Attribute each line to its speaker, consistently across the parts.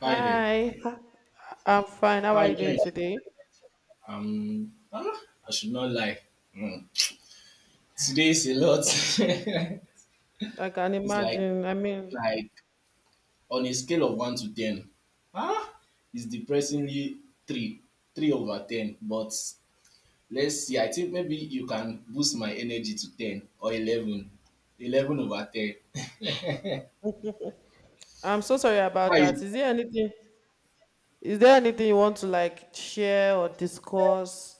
Speaker 1: Hi there.
Speaker 2: Hi. I'm fine. How
Speaker 1: How
Speaker 2: are you
Speaker 1: you
Speaker 2: doing
Speaker 1: doing?
Speaker 2: today?
Speaker 1: Um, ah, I should not lie. Hmm. Today is a lot.
Speaker 2: Like, I can
Speaker 1: it's like
Speaker 2: imagine. I mean,
Speaker 1: like on a scale of 1 to 10. Ah, it's depressingly three, 3 over 10. But let's see. I think maybe you can boost my energy to 10 or 11, 11 over ten.
Speaker 2: I'm so sorry
Speaker 1: How
Speaker 2: about that.
Speaker 1: you?
Speaker 2: Is there anything you want to like share or discuss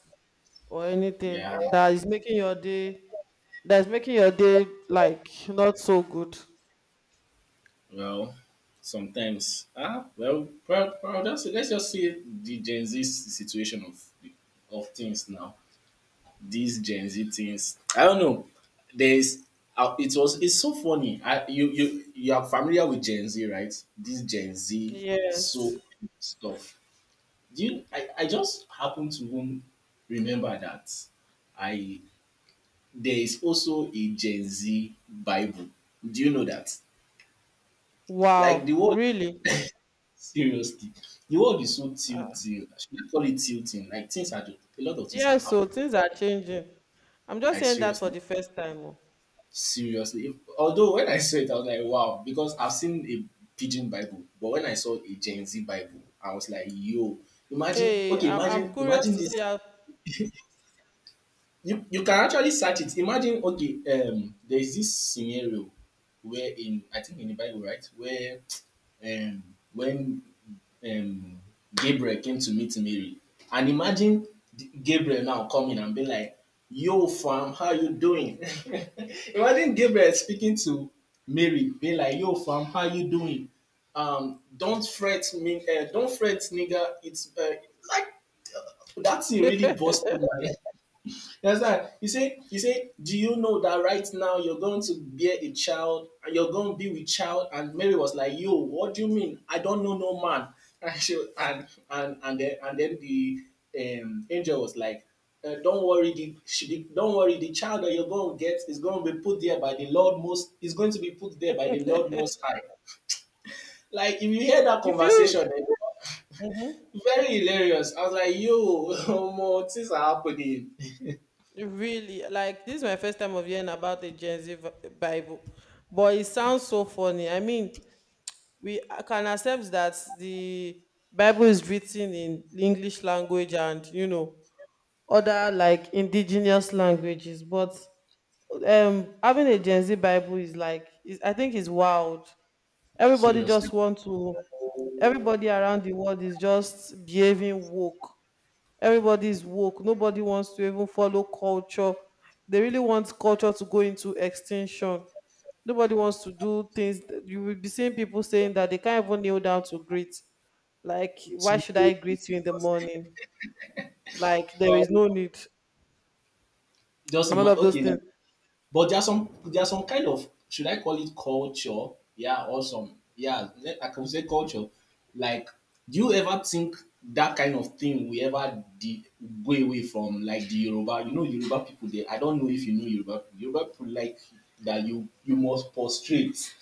Speaker 2: or anything
Speaker 1: Yeah.
Speaker 2: that is making your day, that's making your day like not so good?
Speaker 1: Well, sometimes. Well, that's it. Let's just see the Gen Z situation of things now. These Gen Z things. I don't know. There's. It was. It's so funny. I, you are familiar with Gen Z, right? This Gen Z so
Speaker 2: Yes.
Speaker 1: stuff. Do you? I just happen to even remember that. I There is also a Gen Z Bible. Do you know that? Like the
Speaker 2: Wow,
Speaker 1: word
Speaker 2: really?
Speaker 1: Seriously, the world is so
Speaker 2: Uh,
Speaker 1: tilting. Should I call it tilting? Like things are just— a lot of things are
Speaker 2: yeah, so
Speaker 1: happening.
Speaker 2: things are changing. I'm just
Speaker 1: Like
Speaker 2: hearing that for
Speaker 1: seriously,
Speaker 2: the first time. Oh.
Speaker 1: seriously. If— although when I saw it, I was like, wow, because I've seen a pigeon Bible, but when I saw a Gen Z Bible, I was like, yo, imagine.
Speaker 2: Hey,
Speaker 1: Okay,
Speaker 2: I'm curious
Speaker 1: imagine
Speaker 2: to
Speaker 1: this.
Speaker 2: see how
Speaker 1: You can actually search it. Imagine. Okay, there is this scenario where in— I think in the Bible, right, where um, when um, Gabriel came to meet Mary. And imagine Gabriel now coming and being like, yo, fam, how you doing? Imagine Gabriel speaking to Mary, being like, yo, fam, how you doing? Don't fret me, don't fret, nigga. It's like that thing really busted my— you understand? He say, do you know that right now you're going to bear a child and you're going to be with child? And Mary was like, yo, what do you mean? I don't know no man. And she, and then the angel was like, don't worry, the, she, the don't worry, the child that you're going to get is going to be put there by the Lord most. Is going to be put there by the Lord Most High. Like if you hear that
Speaker 2: it
Speaker 1: conversation.
Speaker 2: feels.
Speaker 1: Eh, very hilarious. I was like, yo, more things are happening.
Speaker 2: Really, like this is my first time of hearing about the Gen Z Bible, but it sounds so funny. I mean, we can accept that the Bible is written in English language and other like indigenous languages, but having a Gen Z Bible is like I think is wild. Everybody
Speaker 1: Seriously.
Speaker 2: just want to. Everybody around the world is just behaving woke. Everybody is woke. Nobody wants to even follow culture. They really want culture to go into extinction. Nobody wants to do things. You will be seeing people saying that they can't even kneel down to greet. Like, why
Speaker 1: She
Speaker 2: should I
Speaker 1: knows this
Speaker 2: greet you in the
Speaker 1: because
Speaker 2: morning? Like, there is
Speaker 1: um,
Speaker 2: no need.
Speaker 1: just
Speaker 2: And all of those
Speaker 1: okay now.
Speaker 2: things.
Speaker 1: But there's some— there's some kind of— should I call it culture? Yeah, or some— yeah, I can say culture. Like, do you ever think that kind of thing we ever go away from, like, the Yoruba? You know Yoruba people there. I don't know if you know Yoruba people. Yoruba people like that you must prostrate.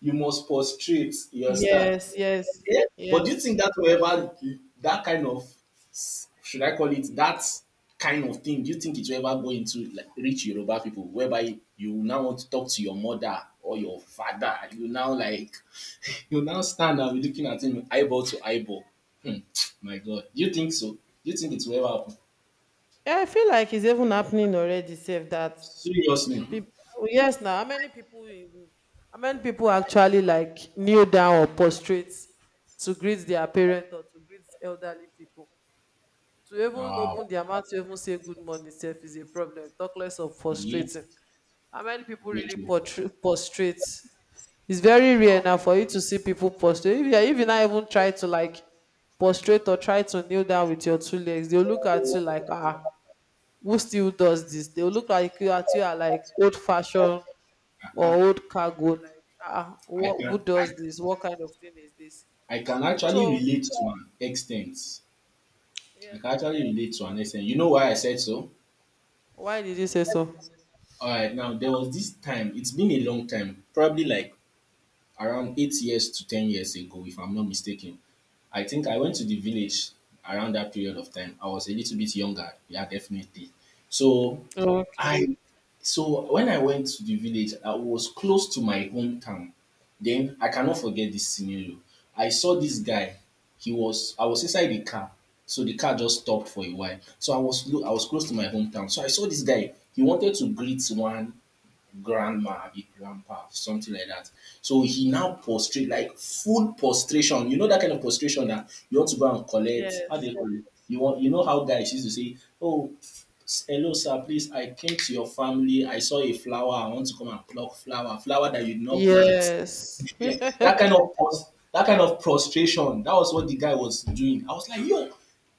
Speaker 1: You must prostrate, you understand?
Speaker 2: Yes, yes,
Speaker 1: Yeah. But do
Speaker 2: yes.
Speaker 1: you think that will ever— that kind of— should I call it— that kind of thing? Do you think it will ever go into like rich Yoruba people whereby you now want to talk to your mother or your father? You now like— you now stand and be looking at him eyeball to eyeball. Hmm, my God. Do you think so? Do you think it will ever happen?
Speaker 2: Yeah, I feel like it's even happening already, save that.
Speaker 1: Seriously.
Speaker 2: People, yes, now how many people, how many people actually like kneel down or prostrate to greet their parent or to greet elderly people? To even
Speaker 1: Wow.
Speaker 2: open their mouth to even say good morning itself is a problem. Talk less of
Speaker 1: Yeah,
Speaker 2: prostrating. How many people
Speaker 1: me
Speaker 2: really
Speaker 1: too.
Speaker 2: prostrate? It's very rare now for you to see people prostrate. If you not even try to like prostrate or try to kneel down with your two legs, they'll look at you like, ah, who still does this? They'll look like you at you are like old fashioned
Speaker 1: I,
Speaker 2: or
Speaker 1: I
Speaker 2: old cargo like, ah,
Speaker 1: I
Speaker 2: what,
Speaker 1: can
Speaker 2: who
Speaker 1: I,
Speaker 2: does this, what kind of thing is this?
Speaker 1: I can actually
Speaker 2: So.
Speaker 1: relate to an extent. I
Speaker 2: Yes.
Speaker 1: can actually relate to an extent. You know why I said so?
Speaker 2: Why did you say so?
Speaker 1: All right, now there was this time, it's been a long time, probably like around 8 years to 10 years ago, if I'm not mistaken. I think I went to the village around that period of time. I was a little bit younger, yeah, definitely. So
Speaker 2: Okay.
Speaker 1: I So when I went to the village, I was close to my hometown. Then I cannot forget this scenario. I saw this guy. He was I was inside the car, so the car just stopped for a while. So I was I was close to my hometown. So I saw this guy. He wanted to greet one grandma, big grandpa, something like that. So he now prostrate, like full prostration. You know that kind of prostration that you want to go and collect. How do
Speaker 2: Yes,
Speaker 1: you call it? You want— you know how guys used to say, oh, hello sir, please, I came to your family, I saw a flower, I want to come and pluck flower, flower that you did not plant.
Speaker 2: yes.
Speaker 1: Yeah, that kind of that kind of prostration, that was what the guy was doing. I was like, yo,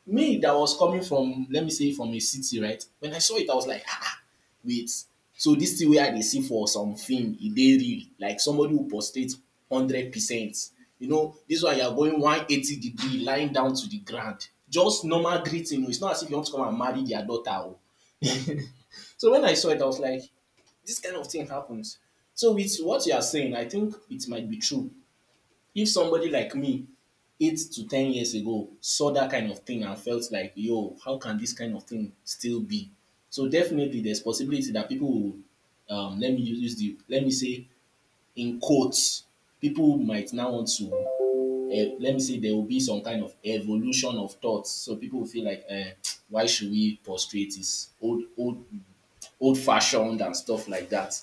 Speaker 1: me that was coming from, let me say, from a city, right? When I saw it, I was like, ah, ah, wait. So this thing where I dey see for something film, e dey real. Like somebody who prostrate 100%. You know, this one you are going 180 degree, lying down to the ground. Just normal greeting. Oh. It's not as if you want to come and marry their daughter. Oh. So when I saw it, I was like, this kind of thing happens. So with what you are saying, I think it might be true if somebody like me 8 to 10 years ago saw that kind of thing and felt like, yo, how can this kind of thing still be? So definitely there's possibility that people will let me use— the let me say, in quotes, people might now want to— let me say, there will be some kind of evolution of thoughts, so people will feel like, why should we prostrate this— old, old fashioned and stuff like that.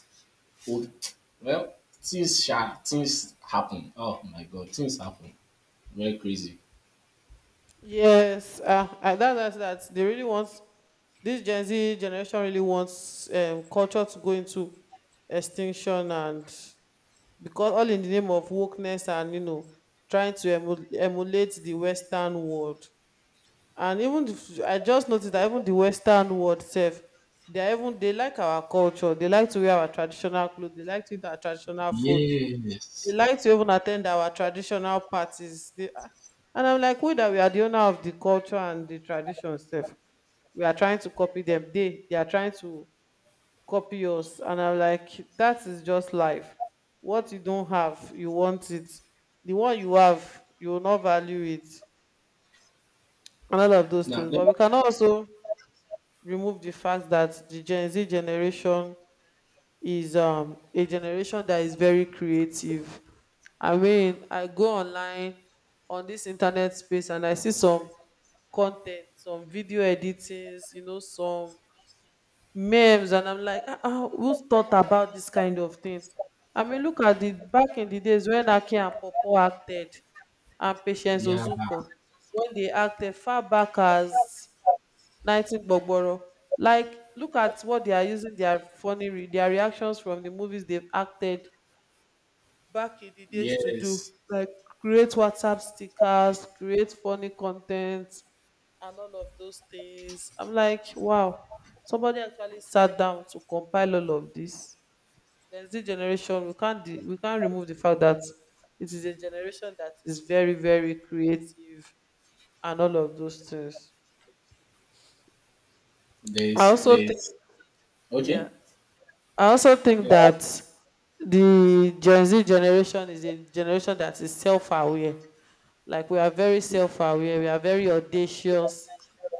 Speaker 1: Old— well, things sha, things happen. Oh my god, things happen. Very crazy.
Speaker 2: Yes. Ah, that's that they really want. This Gen Z generation really wants, culture to go into extinction. And because all in the name of wokeness and trying to emulate the Western world. And even I just noticed that even the Western world sef, they are even they like our culture. They like to wear our traditional clothes, they like to eat our traditional food, they
Speaker 1: Yes.
Speaker 2: like to even attend our traditional parties, and I'm like, we that we are the owner of the culture and the tradition stuff. We are trying to copy them. They are trying to copy us. And I'm like, that is just life. What you don't have, you want it. The one you have, you will not value it. And all of those
Speaker 1: Now,
Speaker 2: things.
Speaker 1: let—
Speaker 2: But we can also remove the fact that the Gen Z generation is a generation that is very creative. I mean, I go online on this internet space and I see some content, some video editings, some memes, and I'm like, ah, ah, who's thought about this kind of thing? I mean, look at the back in the days when Aki and Popo acted and Patience
Speaker 1: yeah.
Speaker 2: Ozuko, when they acted far back as 19 gbogboro, like look at what they are using their funny their reactions from the movies they've acted back in the days to do
Speaker 1: Yes,
Speaker 2: like create WhatsApp stickers, create funny content and all of those things. I'm like, wow, somebody actually sat down to compile all of this. Gen Z generation, we can't we can't remove the fact that it is a generation that is very very creative and all of those things. i also think
Speaker 1: there's—
Speaker 2: yeah
Speaker 1: okay,
Speaker 2: I also think
Speaker 1: yeah,
Speaker 2: that the Gen Z generation is a generation that is self aware. Like we are very self aware, we are very audacious.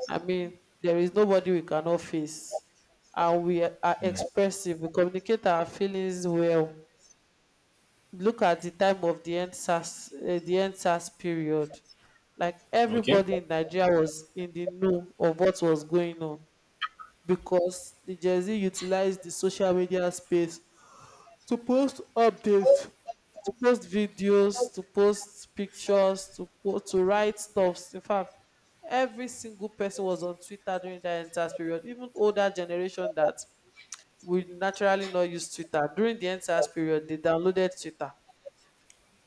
Speaker 2: I mean, there is nobody we cannot face. And we are
Speaker 1: mm.
Speaker 2: expressive, we communicate our feelings well. Look at the time of the NSAS, the NSAS period. Like
Speaker 1: Okay,
Speaker 2: everybody in Nigeria was in the know of what was going on because the Gen Z utilized the social media space to post updates, to post videos, to post pictures, to post, to write stuffs. In fact, every single person was on Twitter during that entire period. Even older generation that will naturally not use Twitter, during the entire period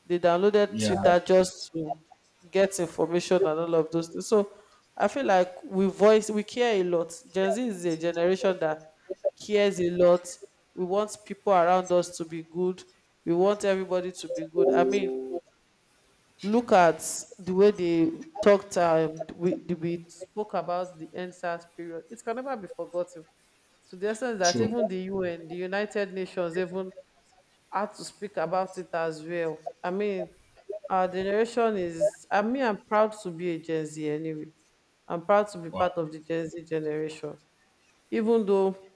Speaker 2: they downloaded
Speaker 1: yeah.
Speaker 2: Twitter just to get information and all of those things. So I feel like we care a lot. Gen Z is a generation that cares a lot. We want people around us to be good. We want everybody to be good. I mean, look at the way they talked. We spoke about the NSAS period. It can never be forgotten. To the essence that
Speaker 1: True.
Speaker 2: even the UN, the United Nations, even had to speak about it as well. I mean, our generation is, I mean, I'm proud to be a Gen Z anyway. I'm proud to be
Speaker 1: Wow,
Speaker 2: part of the Gen Z generation, even though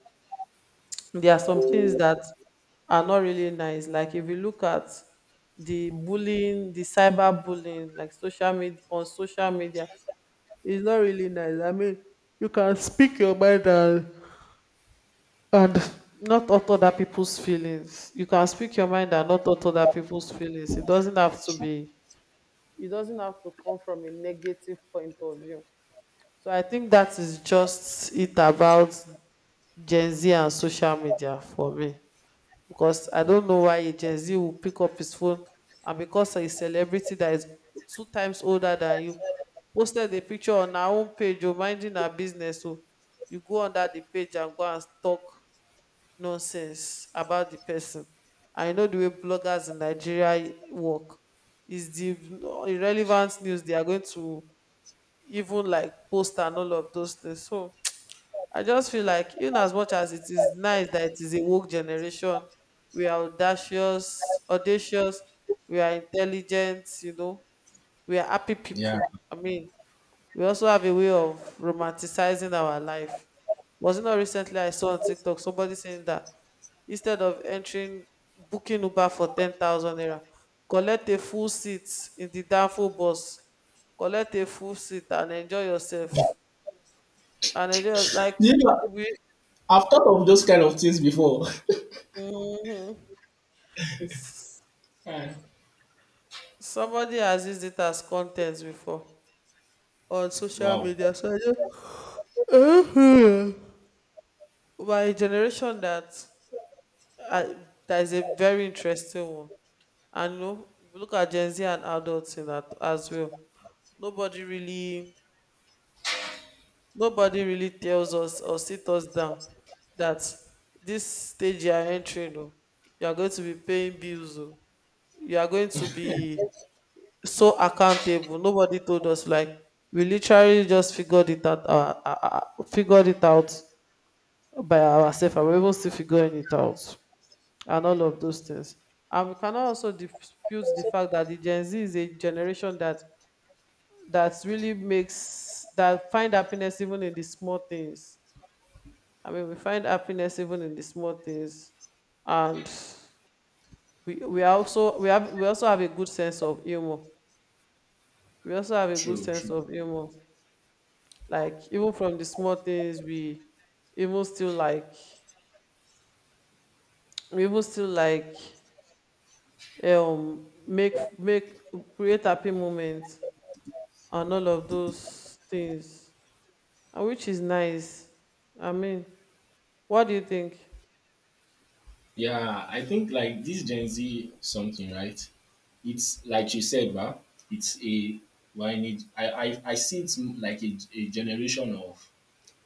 Speaker 2: there are some things that are not really nice. Like if you look at the bullying, the cyber bullying, like social media on social media, it's not really nice. I mean, you can speak your mind and not hurt other people's feelings. You can speak your mind and not hurt other people's feelings. It doesn't have to be, it doesn't have to come from a negative point of view. So I think that is just it about Gen Z and social media for me. Because I
Speaker 1: yeah.
Speaker 2: don't know why a Gen Z will pick up his phone and because a celebrity that is two times older than you posted a picture on her own page, or minding her business. So you go under the page and go and stalk nonsense about the person. I know the way bloggers in Nigeria work is the irrelevant news they are going to even like post and all of those things. So I just feel like in as much as it is nice that it is a woke generation, we are audacious, audacious, we are intelligent, we are happy
Speaker 1: Yeah.
Speaker 2: people. I mean, we also have a way of romanticizing our life. Was it not recently I saw on TikTok somebody saying that instead of entering booking Uber for 10,000 naira, collect a full seat in the downfall bus, collect a full seat and enjoy yourself. And enjoy like
Speaker 1: You know,
Speaker 2: we.
Speaker 1: I've thought of those kind of things before.
Speaker 2: Mhm. S-
Speaker 1: Eh.
Speaker 2: Somebody has used it as content before on social
Speaker 1: Wow,
Speaker 2: media. So I just Mhm. By a generation Uh, that is a very interesting one. And if you look at Gen Z and adults in that as well. Nobody really, nobody really tells us or sit us down that this stage you are entering, oh, you are going to be paying bills, oh, you are going to be so accountable. Nobody told us like we literally just figured it out by ourselves, and we're even still figuring it out. And all of those things. And we cannot also dispute the fact that the Gen Z is a generation that really makes that find happiness even in the small things. I mean, we find happiness even in the small things, and we are also we have we also have a good sense of humor. We also have a good
Speaker 1: true,
Speaker 2: sense
Speaker 1: true.
Speaker 2: of humor. Like even from the small things, even still like we even still make make create happy moments and all of those things, and which is nice. I mean, what do you think?
Speaker 1: Yeah, I think like this Gen Z something, right? It's like you said, right? It's a— why need I, I see it's like a generation of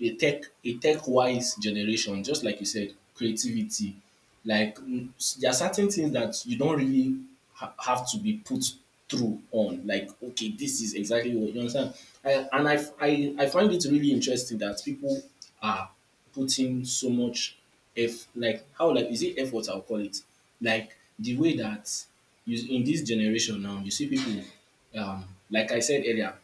Speaker 1: a tech— a tech wise generation, just like you said, creativity. Like mm, there are certain things that you don't really have to be put through on. Like okay, this is exactly what— you understand. I, and I, f- I find it really interesting that people are putting so much eff like how— like is it effort I'll call it. Like the way that you— in this generation now you see people um like I said earlier,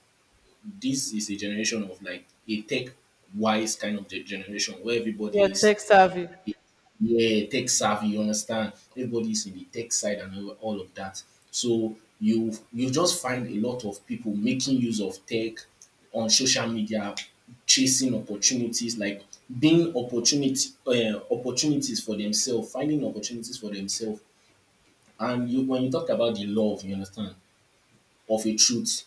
Speaker 1: this is a generation of like a tech wise kind of generation where
Speaker 2: Yeah,
Speaker 1: everybody is—
Speaker 2: tech savvy.
Speaker 1: yeah, tech savvy, you understand, everybody is in the tech side and all of that. So you— you just find a lot of people making use of tech on social media, chasing opportunities, like being opportunity— opportunities for themselves, finding opportunities for themselves. And you— when you talk about the love, you understand, of a truth,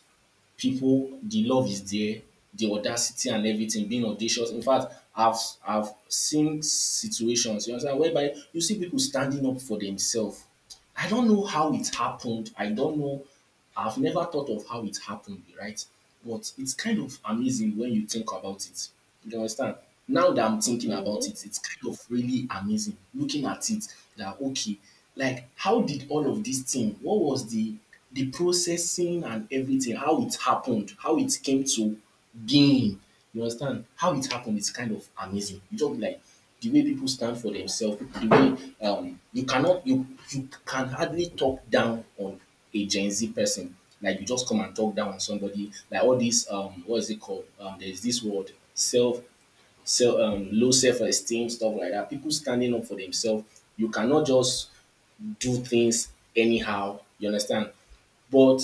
Speaker 1: the love is there, the audacity and everything, being audacious. In fact, I've seen situations, you understand, whereby you see people standing up for themselves. I don't know how it happened. I don't know. I've never thought of how it happened, right? But it's kind of amazing when you think about it. You understand? Now that I'm thinking
Speaker 2: Mm-hmm,
Speaker 1: about it, it's kind of really amazing looking at it, that okay, like how did all of this thing, what was the— the processing and everything, how it happened, how it came to being. You understand? How it happened is kind of amazing. You just be like, the way people stand for themselves, the way— you cannot, you can hardly talk down on a Gen Z person. Like you just come and talk down on somebody. Like all these, what is it called? There's this word, self, low self esteem, stuff like that. People standing up for themselves. You cannot just do things anyhow. You understand? But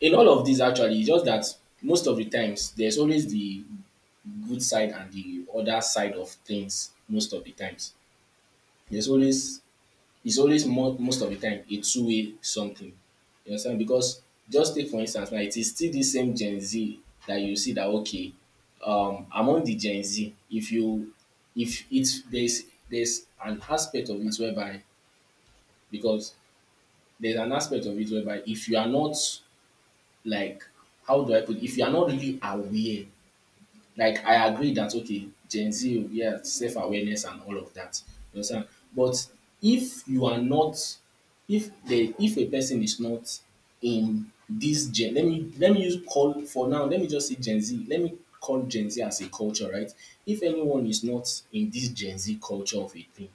Speaker 1: in all of this, actually, it's just that most of the times there's always the good side and the other side of things. Most of the times, there's always— it's always more— most of the time a two-way something. You understand? Because just take for instance now, it is still the same Gen Z that you see that okay, among the Gen Z, if you— if it's there's— there's an aspect of it whereby— because there's an aspect of it whereby if you are not like— how do I put it? If you are not really aware— like I agree that okay, Gen Z, yeah, self awareness and all of that. You understand? But if you are not, if the— if a person is not in this gen, let me— let me use— call for now. Let me just say Gen Z. Let me call Gen Z as a culture, right? If anyone is not in this Gen Z culture of a thing,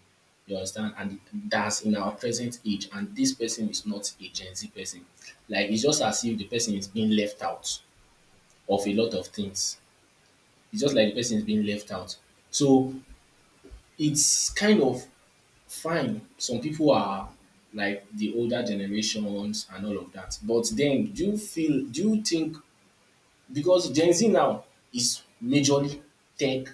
Speaker 1: you understand, and that's in our present age, and this person is not a Gen Z person, like it's just as if the person is being left out of a lot of things, it's just like the person is being left out. So it's kind of fine. Some people are like the older generations and all of that. But then do you think, because Gen Z now is majorly tech,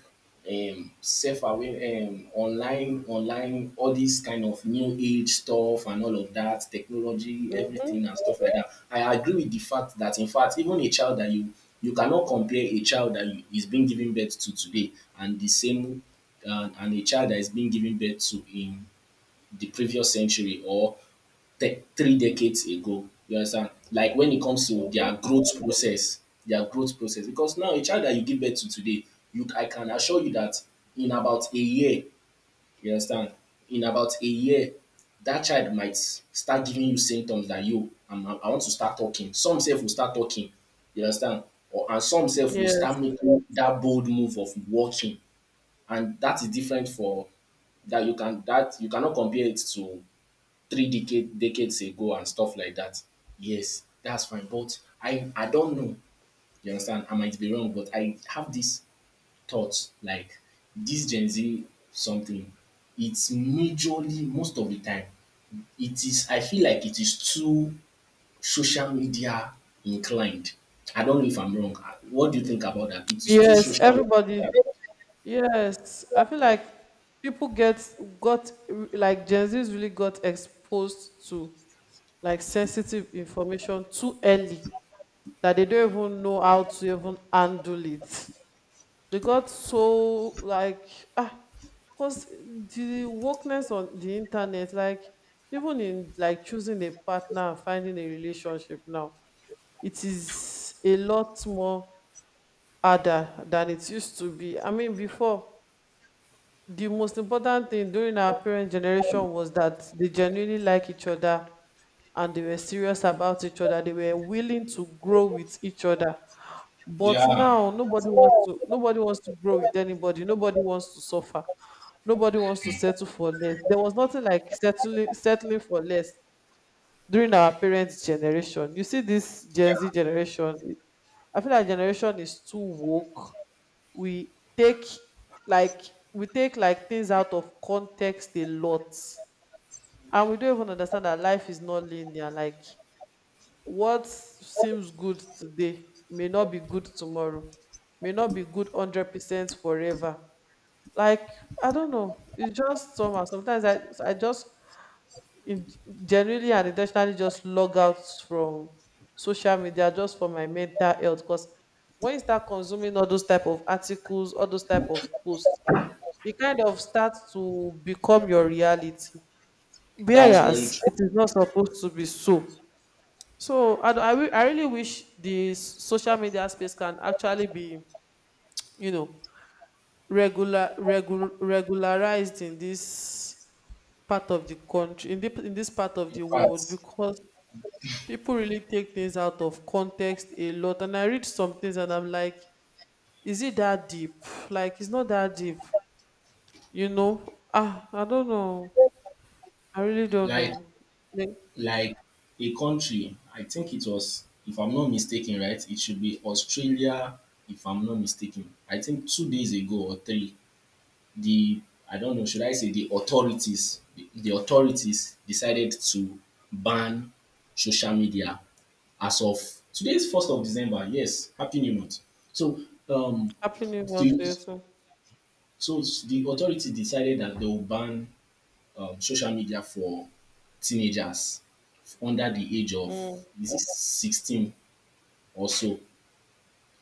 Speaker 1: self-aware, online, all this kind of new age stuff and all of that, technology,
Speaker 2: mm-hmm,
Speaker 1: everything and stuff like that. I agree with the fact that, in fact, even a child that you cannot compare a child that, you, is being given birth to today and the same and a child that is being given birth to in the previous century or three decades ago. You understand? Like when it comes to
Speaker 2: mm-hmm.
Speaker 1: their growth process, their growth process. Because now a child that you give birth to today, you I can assure you that in about a year, you understand? In about a year, that child might start giving you symptoms that I want to start talking. Some self will start talking. You understand? Or and some self will
Speaker 2: Yes,
Speaker 1: start making that bold move of walking. And that is different for that you cannot compare it to decades ago and stuff like that, yes, that's fine. But I don't know. You understand? I might be wrong, but I have these thoughts like this Gen Z something. It's majorly most of the time. It is. I feel like it is too social media inclined. I don't know if I'm wrong. What do you think about that? It is too
Speaker 2: yes,
Speaker 1: social.
Speaker 2: everybody.
Speaker 1: Media.
Speaker 2: Yes, I feel like people get got like Gen Z's really got exposed to like sensitive information too early that they don't even know how to even handle it. They got so like, ah, because the wokeness on the internet like even in like choosing a partner and finding a relationship now it is a lot more harder than it used to be. I mean, before, the most important thing during our parent generation was that they genuinely like each other and they were serious about each other. They were willing to grow with each other. But
Speaker 1: Yeah.
Speaker 2: now nobody wants to grow with anybody. Nobody wants to suffer. Nobody wants to
Speaker 1: Yeah,
Speaker 2: settle for less. There was nothing like settling for less during our parents' generation. You see this Gen Z generation, I feel like generation is too woke. We take like we take like things out of context a lot. And we don't even understand that life is not linear. Like what seems good today may not be good tomorrow, may not be good 100% forever. Like, I don't know. It's just somehow. Sometimes I just in, generally and intentionally just log out from social media just for my mental health. Because when you start consuming all those type of articles, all those type of posts, it kind of starts to become your reality.
Speaker 1: that's very
Speaker 2: Whereas
Speaker 1: true.
Speaker 2: it is not supposed to be so. So I really wish the social media space can actually be, you know, regularized in this part of the country, in this part of
Speaker 1: In
Speaker 2: the world,
Speaker 1: fact,
Speaker 2: because people really take things out of context a lot. And I read some things and I'm like, is it that deep? Like, it's not that deep, you know? I don't know. I really don't
Speaker 1: like
Speaker 2: know. Like,
Speaker 1: like a country, I think it was, if I'm not mistaken, right? It should be Australia, if I'm not mistaken. I think 2 days ago or three, the I don't know, should I say the authorities decided to ban social media as of today's December 1st. Yes, happy new month. So um,
Speaker 2: Happy New Year to
Speaker 1: the
Speaker 2: you too.
Speaker 1: so the authority decided that they will ban social media for teenagers under the age of,
Speaker 2: Mm.
Speaker 1: is it 16 or so?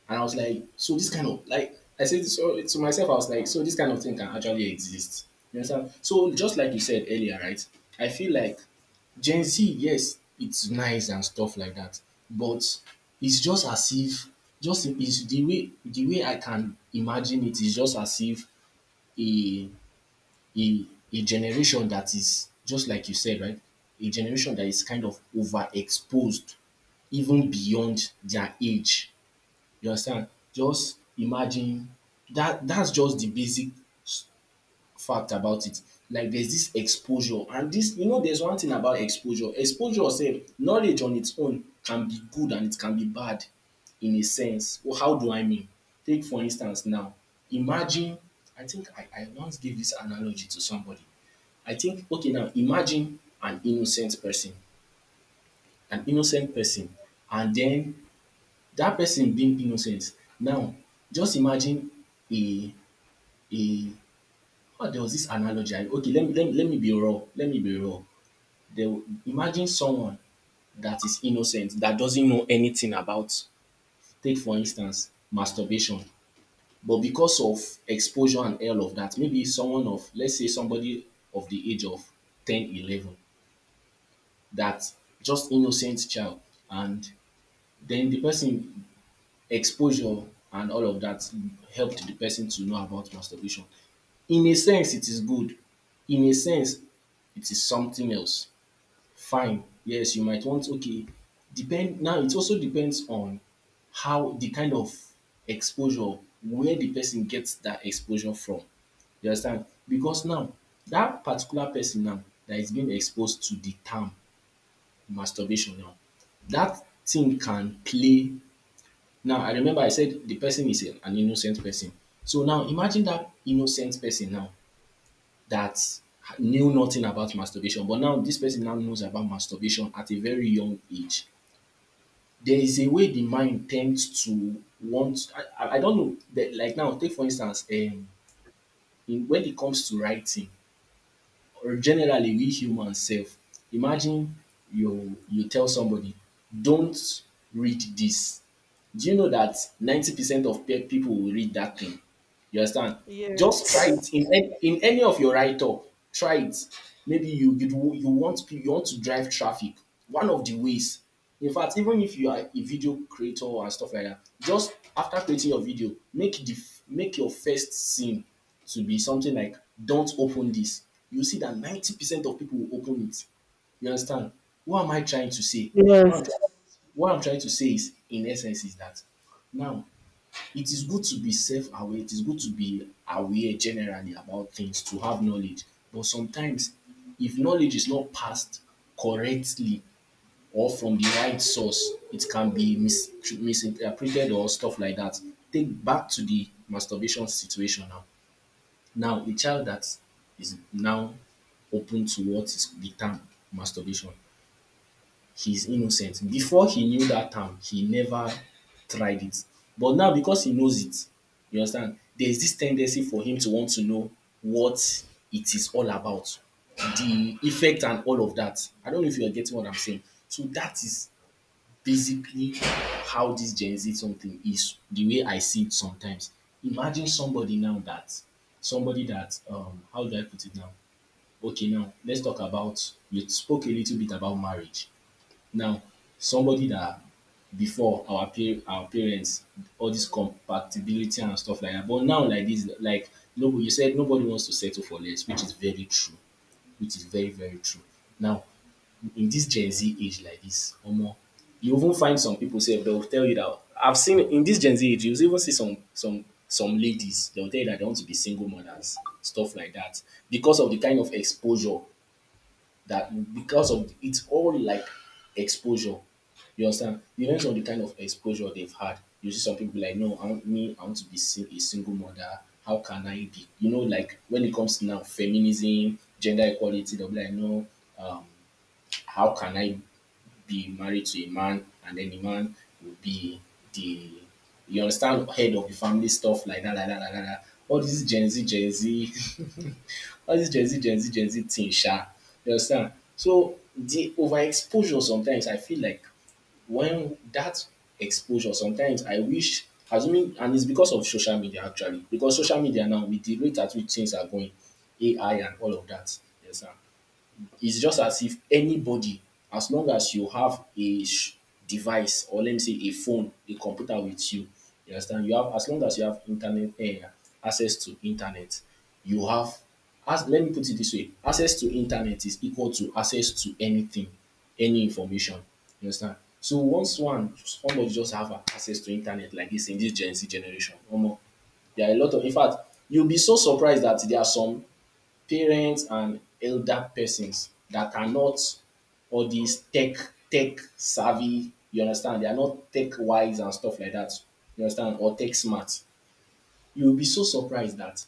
Speaker 1: And I was like, so this kind of, like, I said so to myself, I was like, so this kind of thing can actually exist. You understand? So, just like you said earlier, right? I feel like Gen Z, yes, it's nice and stuff like that, but it's just as if, just, it's the way, the way I can imagine it is just as if a a, a generation that is, just like you said, right? A generation that is kind of overexposed, even beyond their age. You understand? Just imagine that that's just the basic s- fact about it. Like there's this exposure, and this, you know, there's one thing about exposure. Exposure, say, knowledge on its own can be good and it can be bad in a sense. Well, how do I mean? Take, for instance, now, imagine, I think I once gave this analogy to somebody. I think, okay, now imagine an innocent person, an innocent person, and then that person being innocent now, just imagine a a ah there was this analogy I, okay, let me be raw, let me be raw there. Imagine someone that is innocent, that doesn't know anything about, take for instance, masturbation, but because of exposure and all of that, maybe someone of, let's say somebody of the age of 10, 11 that, just innocent child, and then the person, exposure and all of that, helped the person to know about masturbation. In a sense it is good, in a sense it is something else. Fine, yes, you might want, okay, depend, now it also depends on how, the kind of exposure, where the person gets that exposure from. You understand? Because now that particular person now that is being exposed to the term masturbation now, that thing can play, now I remember I said the person is an innocent person. So now imagine that innocent person now that knew nothing about masturbation, but now this person now knows about masturbation at a very young age. There is a way the mind tends to want, I don't know, de, like now take for instance, in, when it comes to writing, or generally we humans self. Imagine you, you tell somebody, don't read this. Do you know that 90% of people will read that thing? You understand? Just try it
Speaker 2: Yes.
Speaker 1: in any of your write up. Try it. Maybe you want you want to drive traffic. One of the ways. In fact, even if you are a video creator and stuff like that, just after creating your video, make the make your first scene to be something like, "Don't open this." You see that 90% of people will open it, you understand? What am I trying to say? What I'm trying,
Speaker 2: Yes.
Speaker 1: what I'm trying to say is, in essence, is that now it is good to be self aware, it is good to be aware generally about things, to have knowledge. But sometimes, if knowledge is not passed correctly or from the right source, it can be misinterpreted or stuff like that. Take back to the masturbation situation now. Now, a child that is now open to what is the term masturbation, he's innocent. Before he knew that term, he never tried it. But now because he knows it, you understand, there's this tendency for him to want to know what it is all about, the effect and all of that. I don't know if you're getting what I'm saying. So that is basically how this Gen Z something is, the way I see it sometimes. Imagine somebody now that, somebody that, how do I put it now? Okay, now let's talk about, you spoke a little bit about marriage. Now, somebody that, before our our parents, all this compatibility and stuff like that. But now like this, like no, you said nobody wants to settle for less, which is very true. Which is very, very true. Now, in this Gen Z age like this, Omo, you even find some people say they'll tell you that, I've seen, in this Gen Z age, you even see some ladies, they'll tell you that they want to be single mothers, stuff like that. Because of the kind of exposure, that because of, it's all like exposure. You understand? Depends on the kind of exposure they've had. You see some people like, no, I want to be a single mother. How can I be? You know, like when it comes to now feminism, gender equality, they'll be like, no, um, how can I be married to a man, and then the man will be the, you understand, head of the family, stuff like that, like that, like that. Like that. All this Gen Z, Gen Z, all this Gen Z, Gen Z, Gen Z thing, sha. You understand? So the overexposure, sometimes I feel like when that exposure, sometimes I wish, assuming, and it's because of social media actually, because social media now, with the rate at which things are going, AI and all of that, you understand? It's just as if anybody, as long as you have a device, or let me say a phone, a computer with you, you understand, you have, as long as you have internet, access to internet, you have, as, let me put it this way, access to internet is equal to access to anything, any information, you understand. So once, one, somebody just have access to internet like dis in dis Gen Z generation, omo, there are a lot of, in fact, you'll be so surprised dat there are some parents and elder persons that are not all these tech savvy. You understand? They are not tech wise and stuff like that. You understand? Or tech smart. You will be so surprised that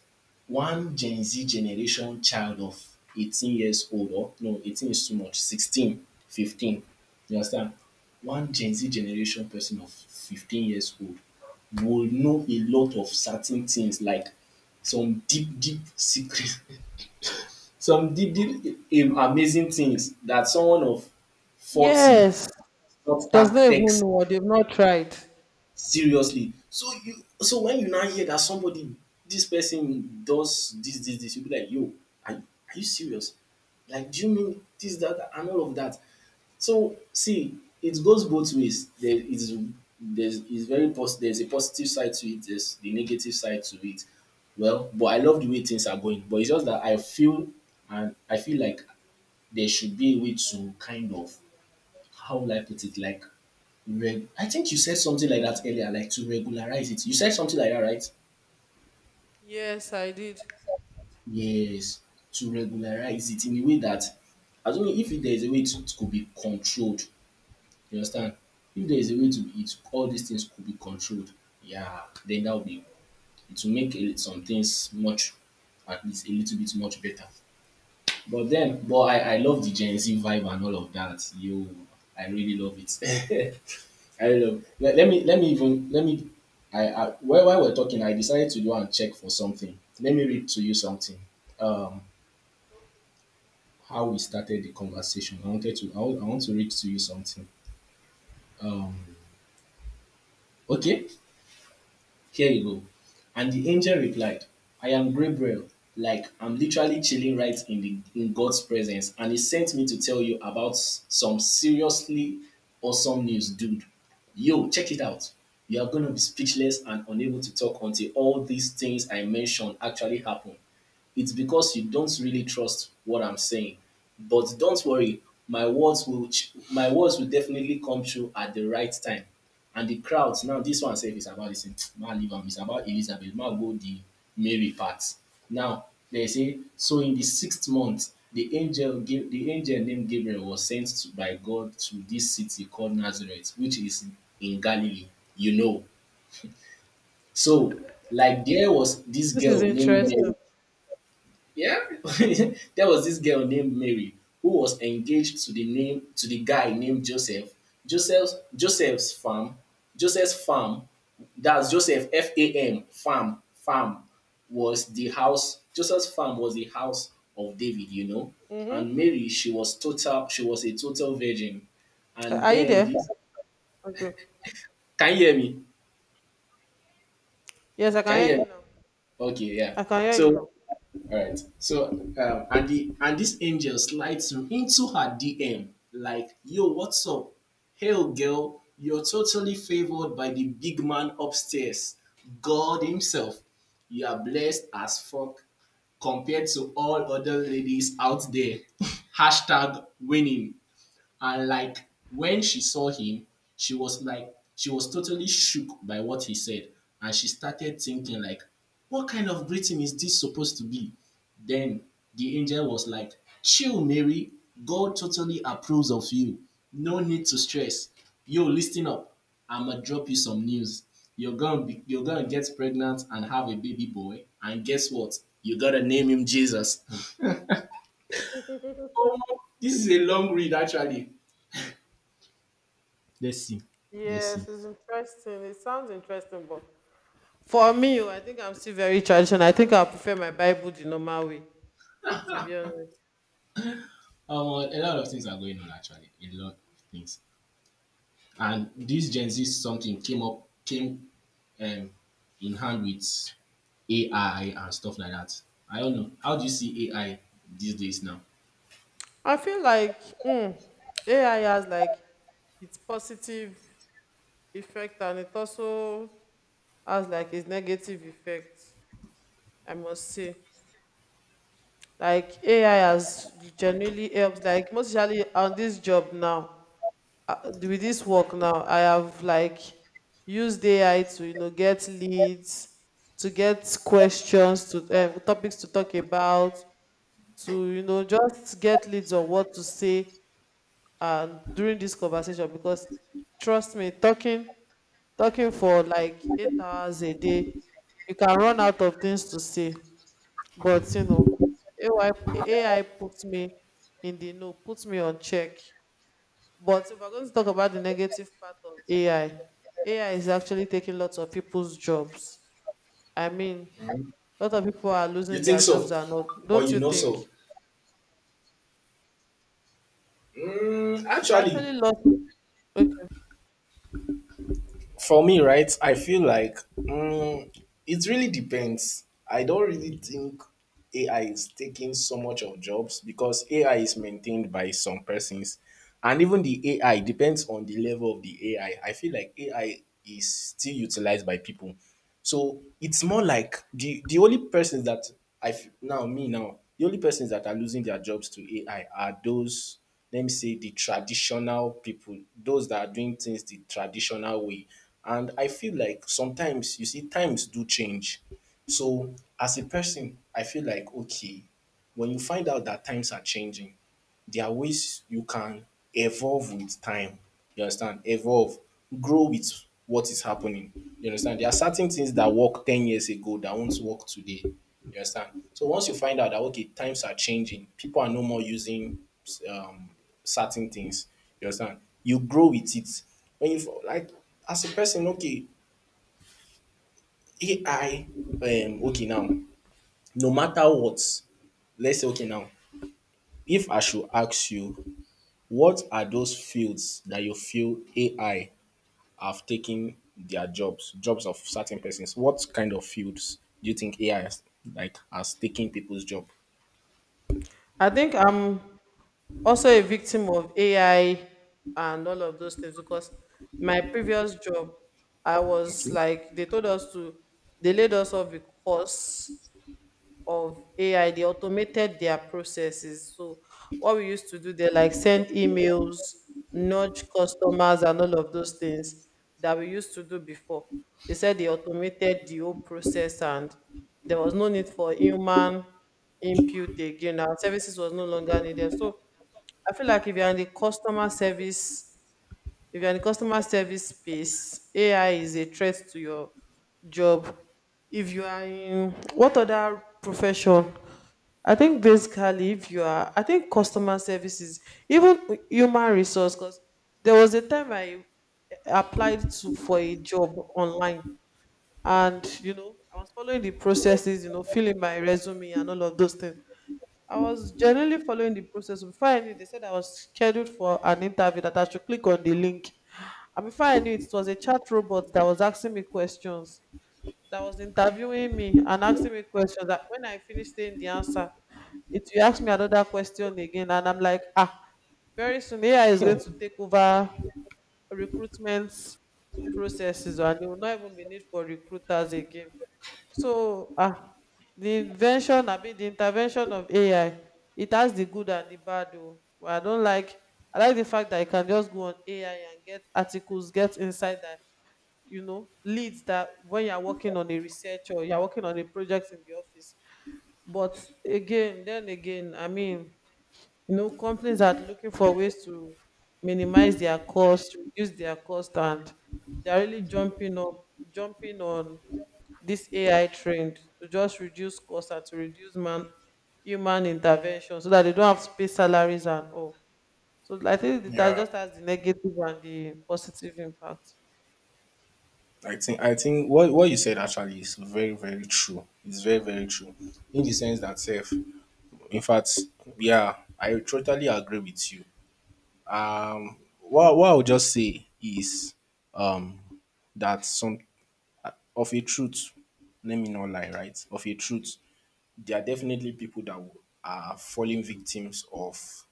Speaker 1: one Gen Z generation child of 18 years old, or no, 18 is too much, 16, 15. You understand? One Gen Z generation person of 15 years old will know a lot of certain things like some deep, deep secret, some did, im- amazing things that someone of 40
Speaker 2: Yes.
Speaker 1: not
Speaker 2: Does
Speaker 1: that
Speaker 2: not even
Speaker 1: takes
Speaker 2: know or they've not tried.
Speaker 1: seriously. So you, so when you now hear that somebody, this person does this, this, this, you be like, yo, are, are you serious? Like, do you mean this, that, that, and all of that? So see, it goes both ways. There is there's is very there's a positive side to it, there's the negative side to it. Well, but I love the way things are going, but it's just that I feel and I feel like there should be a way to, kind of, how will I put it, like, I think you said something like that earlier, like, to regularize it. You said something like that, right?
Speaker 2: Yes, I did.
Speaker 1: Yes, to regularize it in a way that, I don't know if there is a way to, it could be controlled. You understand? If there is a way to it, all these things could be controlled. Yeah, then that would be, it will make a, some things much, at least a little bit much better. But then, but I love the Gen Z vibe and all of that. Yo, I really love it. I really love. Let, let me even let me. While we're talking, I decided to go and check for something. Let me read to you something. Um, how we started the conversation. I wanted to I want to read to you something. Um, okay. Here you go. And the angel replied, I am Gabriel. Like, I'm literally chilling right in, the, in God's presence. And he sent me to tell you about some seriously awesome news, dude. Yo, check it out. You are going to be speechless and unable to talk until all these things I mentioned actually happen. It's because you don't really trust what I'm saying. But don't worry, my words will definitely come true at the right time. And the crowds now, this one says it's about this thing. Man, leave am. It's about Elizabeth. Man, go the Mary part. Now they say so. In the sixth month, the angel named Gabriel was sent to, by God to this city called Nazareth, which is in Galilee. You know, so, like, there was this
Speaker 2: This is
Speaker 1: girl named
Speaker 2: interesting.
Speaker 1: Mary. yeah, there was this girl named Mary who was engaged to the guy named Joseph. Joseph's Joseph's farm, Joseph's farm, that's Joseph FAM, farm, was the house. Joseph's farm was the house of David, you know. And
Speaker 2: Mm-hmm.
Speaker 1: Mary, she was total. She was a total virgin. And
Speaker 2: Are you
Speaker 1: then
Speaker 2: there?
Speaker 1: this,
Speaker 2: Okay.
Speaker 1: can you hear me?
Speaker 2: Yes, I can
Speaker 1: Can you hear
Speaker 2: hear
Speaker 1: me?
Speaker 2: you now.
Speaker 1: Okay, yeah.
Speaker 2: I can hear you
Speaker 1: So, all
Speaker 2: now.
Speaker 1: right. So, and the and this angel slides into her DM like, "Yo, what's up? Hell, girl, you're totally favored by the big man upstairs, God himself. You are blessed as fuck compared to all other ladies out there." Hashtag winning. And, like, when she saw him, she was like, she was totally shook by what he said, and she started thinking like, "What kind of greeting is this supposed to be?" Then the angel was like, "Chill, Mary. God totally approves of you. No need to stress. Yo, listen up. I'ma drop you some news. You're gonna get pregnant and have a baby boy. And guess what? You gotta name him Jesus." Oh, this is a long read actually. Let's see. Let's
Speaker 2: Yes,
Speaker 1: see.
Speaker 2: it's interesting. It sounds interesting, but for me, oh, I think I'm still very traditional. I think I prefer my Bible the normal way, to be honest.
Speaker 1: A lot of things are going on actually, a lot of things. And this Gen Z something came um, in hand with AI and stuff like that. I don't know, how do you see AI these days now?
Speaker 2: I feel like AI has like its positive effect and it also has like its negative effect, I must say. Like AI has genuinely helped, like most especially on this job now, with this work now. I have like used AI to, you know, get leads, to get questions to, topics to talk about, to you know, just get leads on what to say uh, during this conversation, because trust me, talking for like 8 hours a day, you can run out of things to say. But you know, AI, AI puts me in the know, puts me on check. But if we're going to talk about the negative part of AI, AI is actually taking lots of people's jobs. I mean, a lot of people are
Speaker 1: You
Speaker 2: losing their
Speaker 1: think
Speaker 2: jobs,
Speaker 1: so?
Speaker 2: are not,
Speaker 1: Or
Speaker 2: don't
Speaker 1: you
Speaker 2: you
Speaker 1: know
Speaker 2: think?
Speaker 1: so?
Speaker 2: It's
Speaker 1: Actually,
Speaker 2: actually lost. Okay.
Speaker 1: for me, right, I feel like, it really depends. I don't really think AI is taking so much of jobs, because AI is maintained by some persons. And even the AI depends on the level of the AI. I feel like AI is still utilized by people. So it's more like the only persons that I f- now me now the only persons that are losing their jobs to AI are those, let me say, the traditional people, those that are doing things the traditional way. And I feel like sometimes, you see, times do change. So, as a person, I feel like, okay, when you find out that times are changing, there are ways you can evolve with time. You understand? Evolve. Grow with what is happening. You understand? There are certain things that work 10 years ago that won't work today. You understand? So once you find out that, okay, times are changing, people are no more using um, certain things. You understand? You grow with it. When you, like, as a person, okay, AI, okay, now, no matter what, let's say, okay, now, if I should ask you, what are those fields that you feel AI have taken their jobs, jobs of certain persons? What kind of fields do you think AI has, like, has taken people's job?
Speaker 2: I think I'm also a victim of AI and all of those things because my previous job, I was
Speaker 1: Okay.
Speaker 2: like, they told us to, they laid us off because of AI. They automated their processes. So what we used to do, they like send emails, nudge customers and all of those things that we used to do before. They said they automated the whole process and there was no need for human input again. Our services was no longer needed. So I feel like if you're in the customer service, if you're in the customer service space, AI is a threat to your job. If you are in what other profession, I think basically, if you are, I think customer services, even human resource, because there was a time I applied to for a job online, and you know, I was following the processes, you know, filling my resume and all of those things. I was generally following the process. Before I knew, they said I was scheduled for an interview that I should click on the link. And before I knew it was a chat robot that was asking me questions, that was interviewing me and asking me questions, that when I finished saying the answer, it you ask me another question again, and I'm like, ah, very soon AI is going to take over recruitment processes, and there will not even be need for recruiters again. So, ah, the invention, I mean, the intervention of AI, it has the good and the bad. Oh, but I don't like. I like the fact that I can just go on AI and get articles, get insight, that you know leads, that when you're working on a research or you're working on a project in the office. But again, then again, I mean, you know, companies are looking for ways to minimize their cost, reduce their cost, and they're really jumping on this AI trend to just reduce cost and to reduce man human intervention, so that they don't have to pay salaries and all. So I think that
Speaker 1: Yeah,
Speaker 2: just has the negative and the positive impact.
Speaker 1: I think what you said actually is very, very true. It's very, very true, in the sense that self. In fact, yeah, I totally agree with you. What I would just say is um that some of a truth. Let me not lie, right? Of a truth, there are definitely people that are falling victims of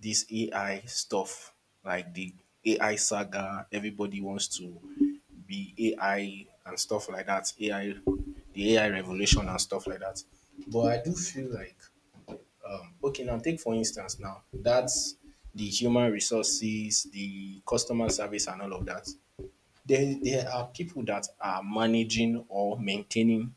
Speaker 1: this AI stuff, like the AI saga. Everybody wants to be AI and stuff like that. AI, the AI revolution and stuff like that. But I do feel like, okay, now, take for instance now, that's the human resources, the customer service, and all of that. There are people that are managing or maintaining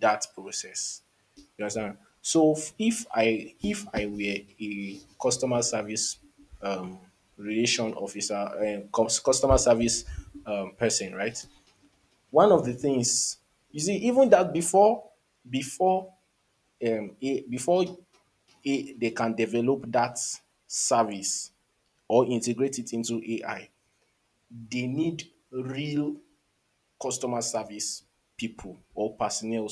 Speaker 1: that process, you understand? So if I were a customer service um, relation officer, customer service person, right? One of the things, you see, even that before before they can develop that service or integrate it into AI, they need real customer service people or personnel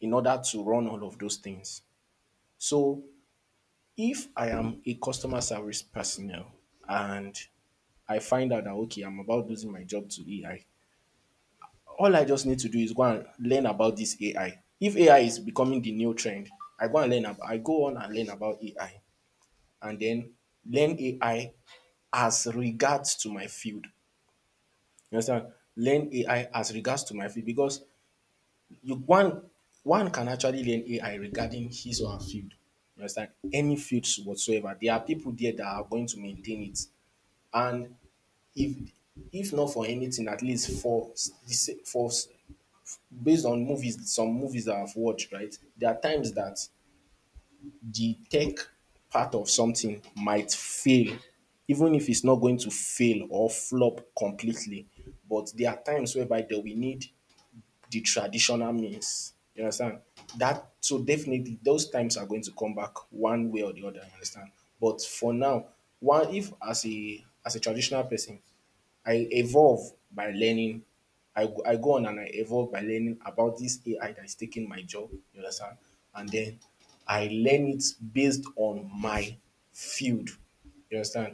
Speaker 1: in order to run all of those things. So, if I am a customer service personnel and I find out that, okay, I'm about losing my job to AI, all I just need to do is go and learn about this AI. If AI is becoming the new trend, I go on and learn about AI, and then learn AI as regards to my field. You understand? Learn AI as regards to my field, because you one one can actually learn AI regarding his or her field. You understand? Any fields whatsoever. There are people there that are going to maintain it. And if if not for anything, at least for s- the sa- for s- based on movies, some movies that I've watched, right, there are times that the tech part of something might fail, even if it's not going to fail or flop completely, but there are times whereby that we need the traditional means. You understand? That, so definitely those times are going to come back one way or the other, you understand? But for now, one, if as a traditional person, I evolve by learning. I go on and I evolve by learning about this AI that is taking my job, you understand? And then I learn it based on my field, you understand?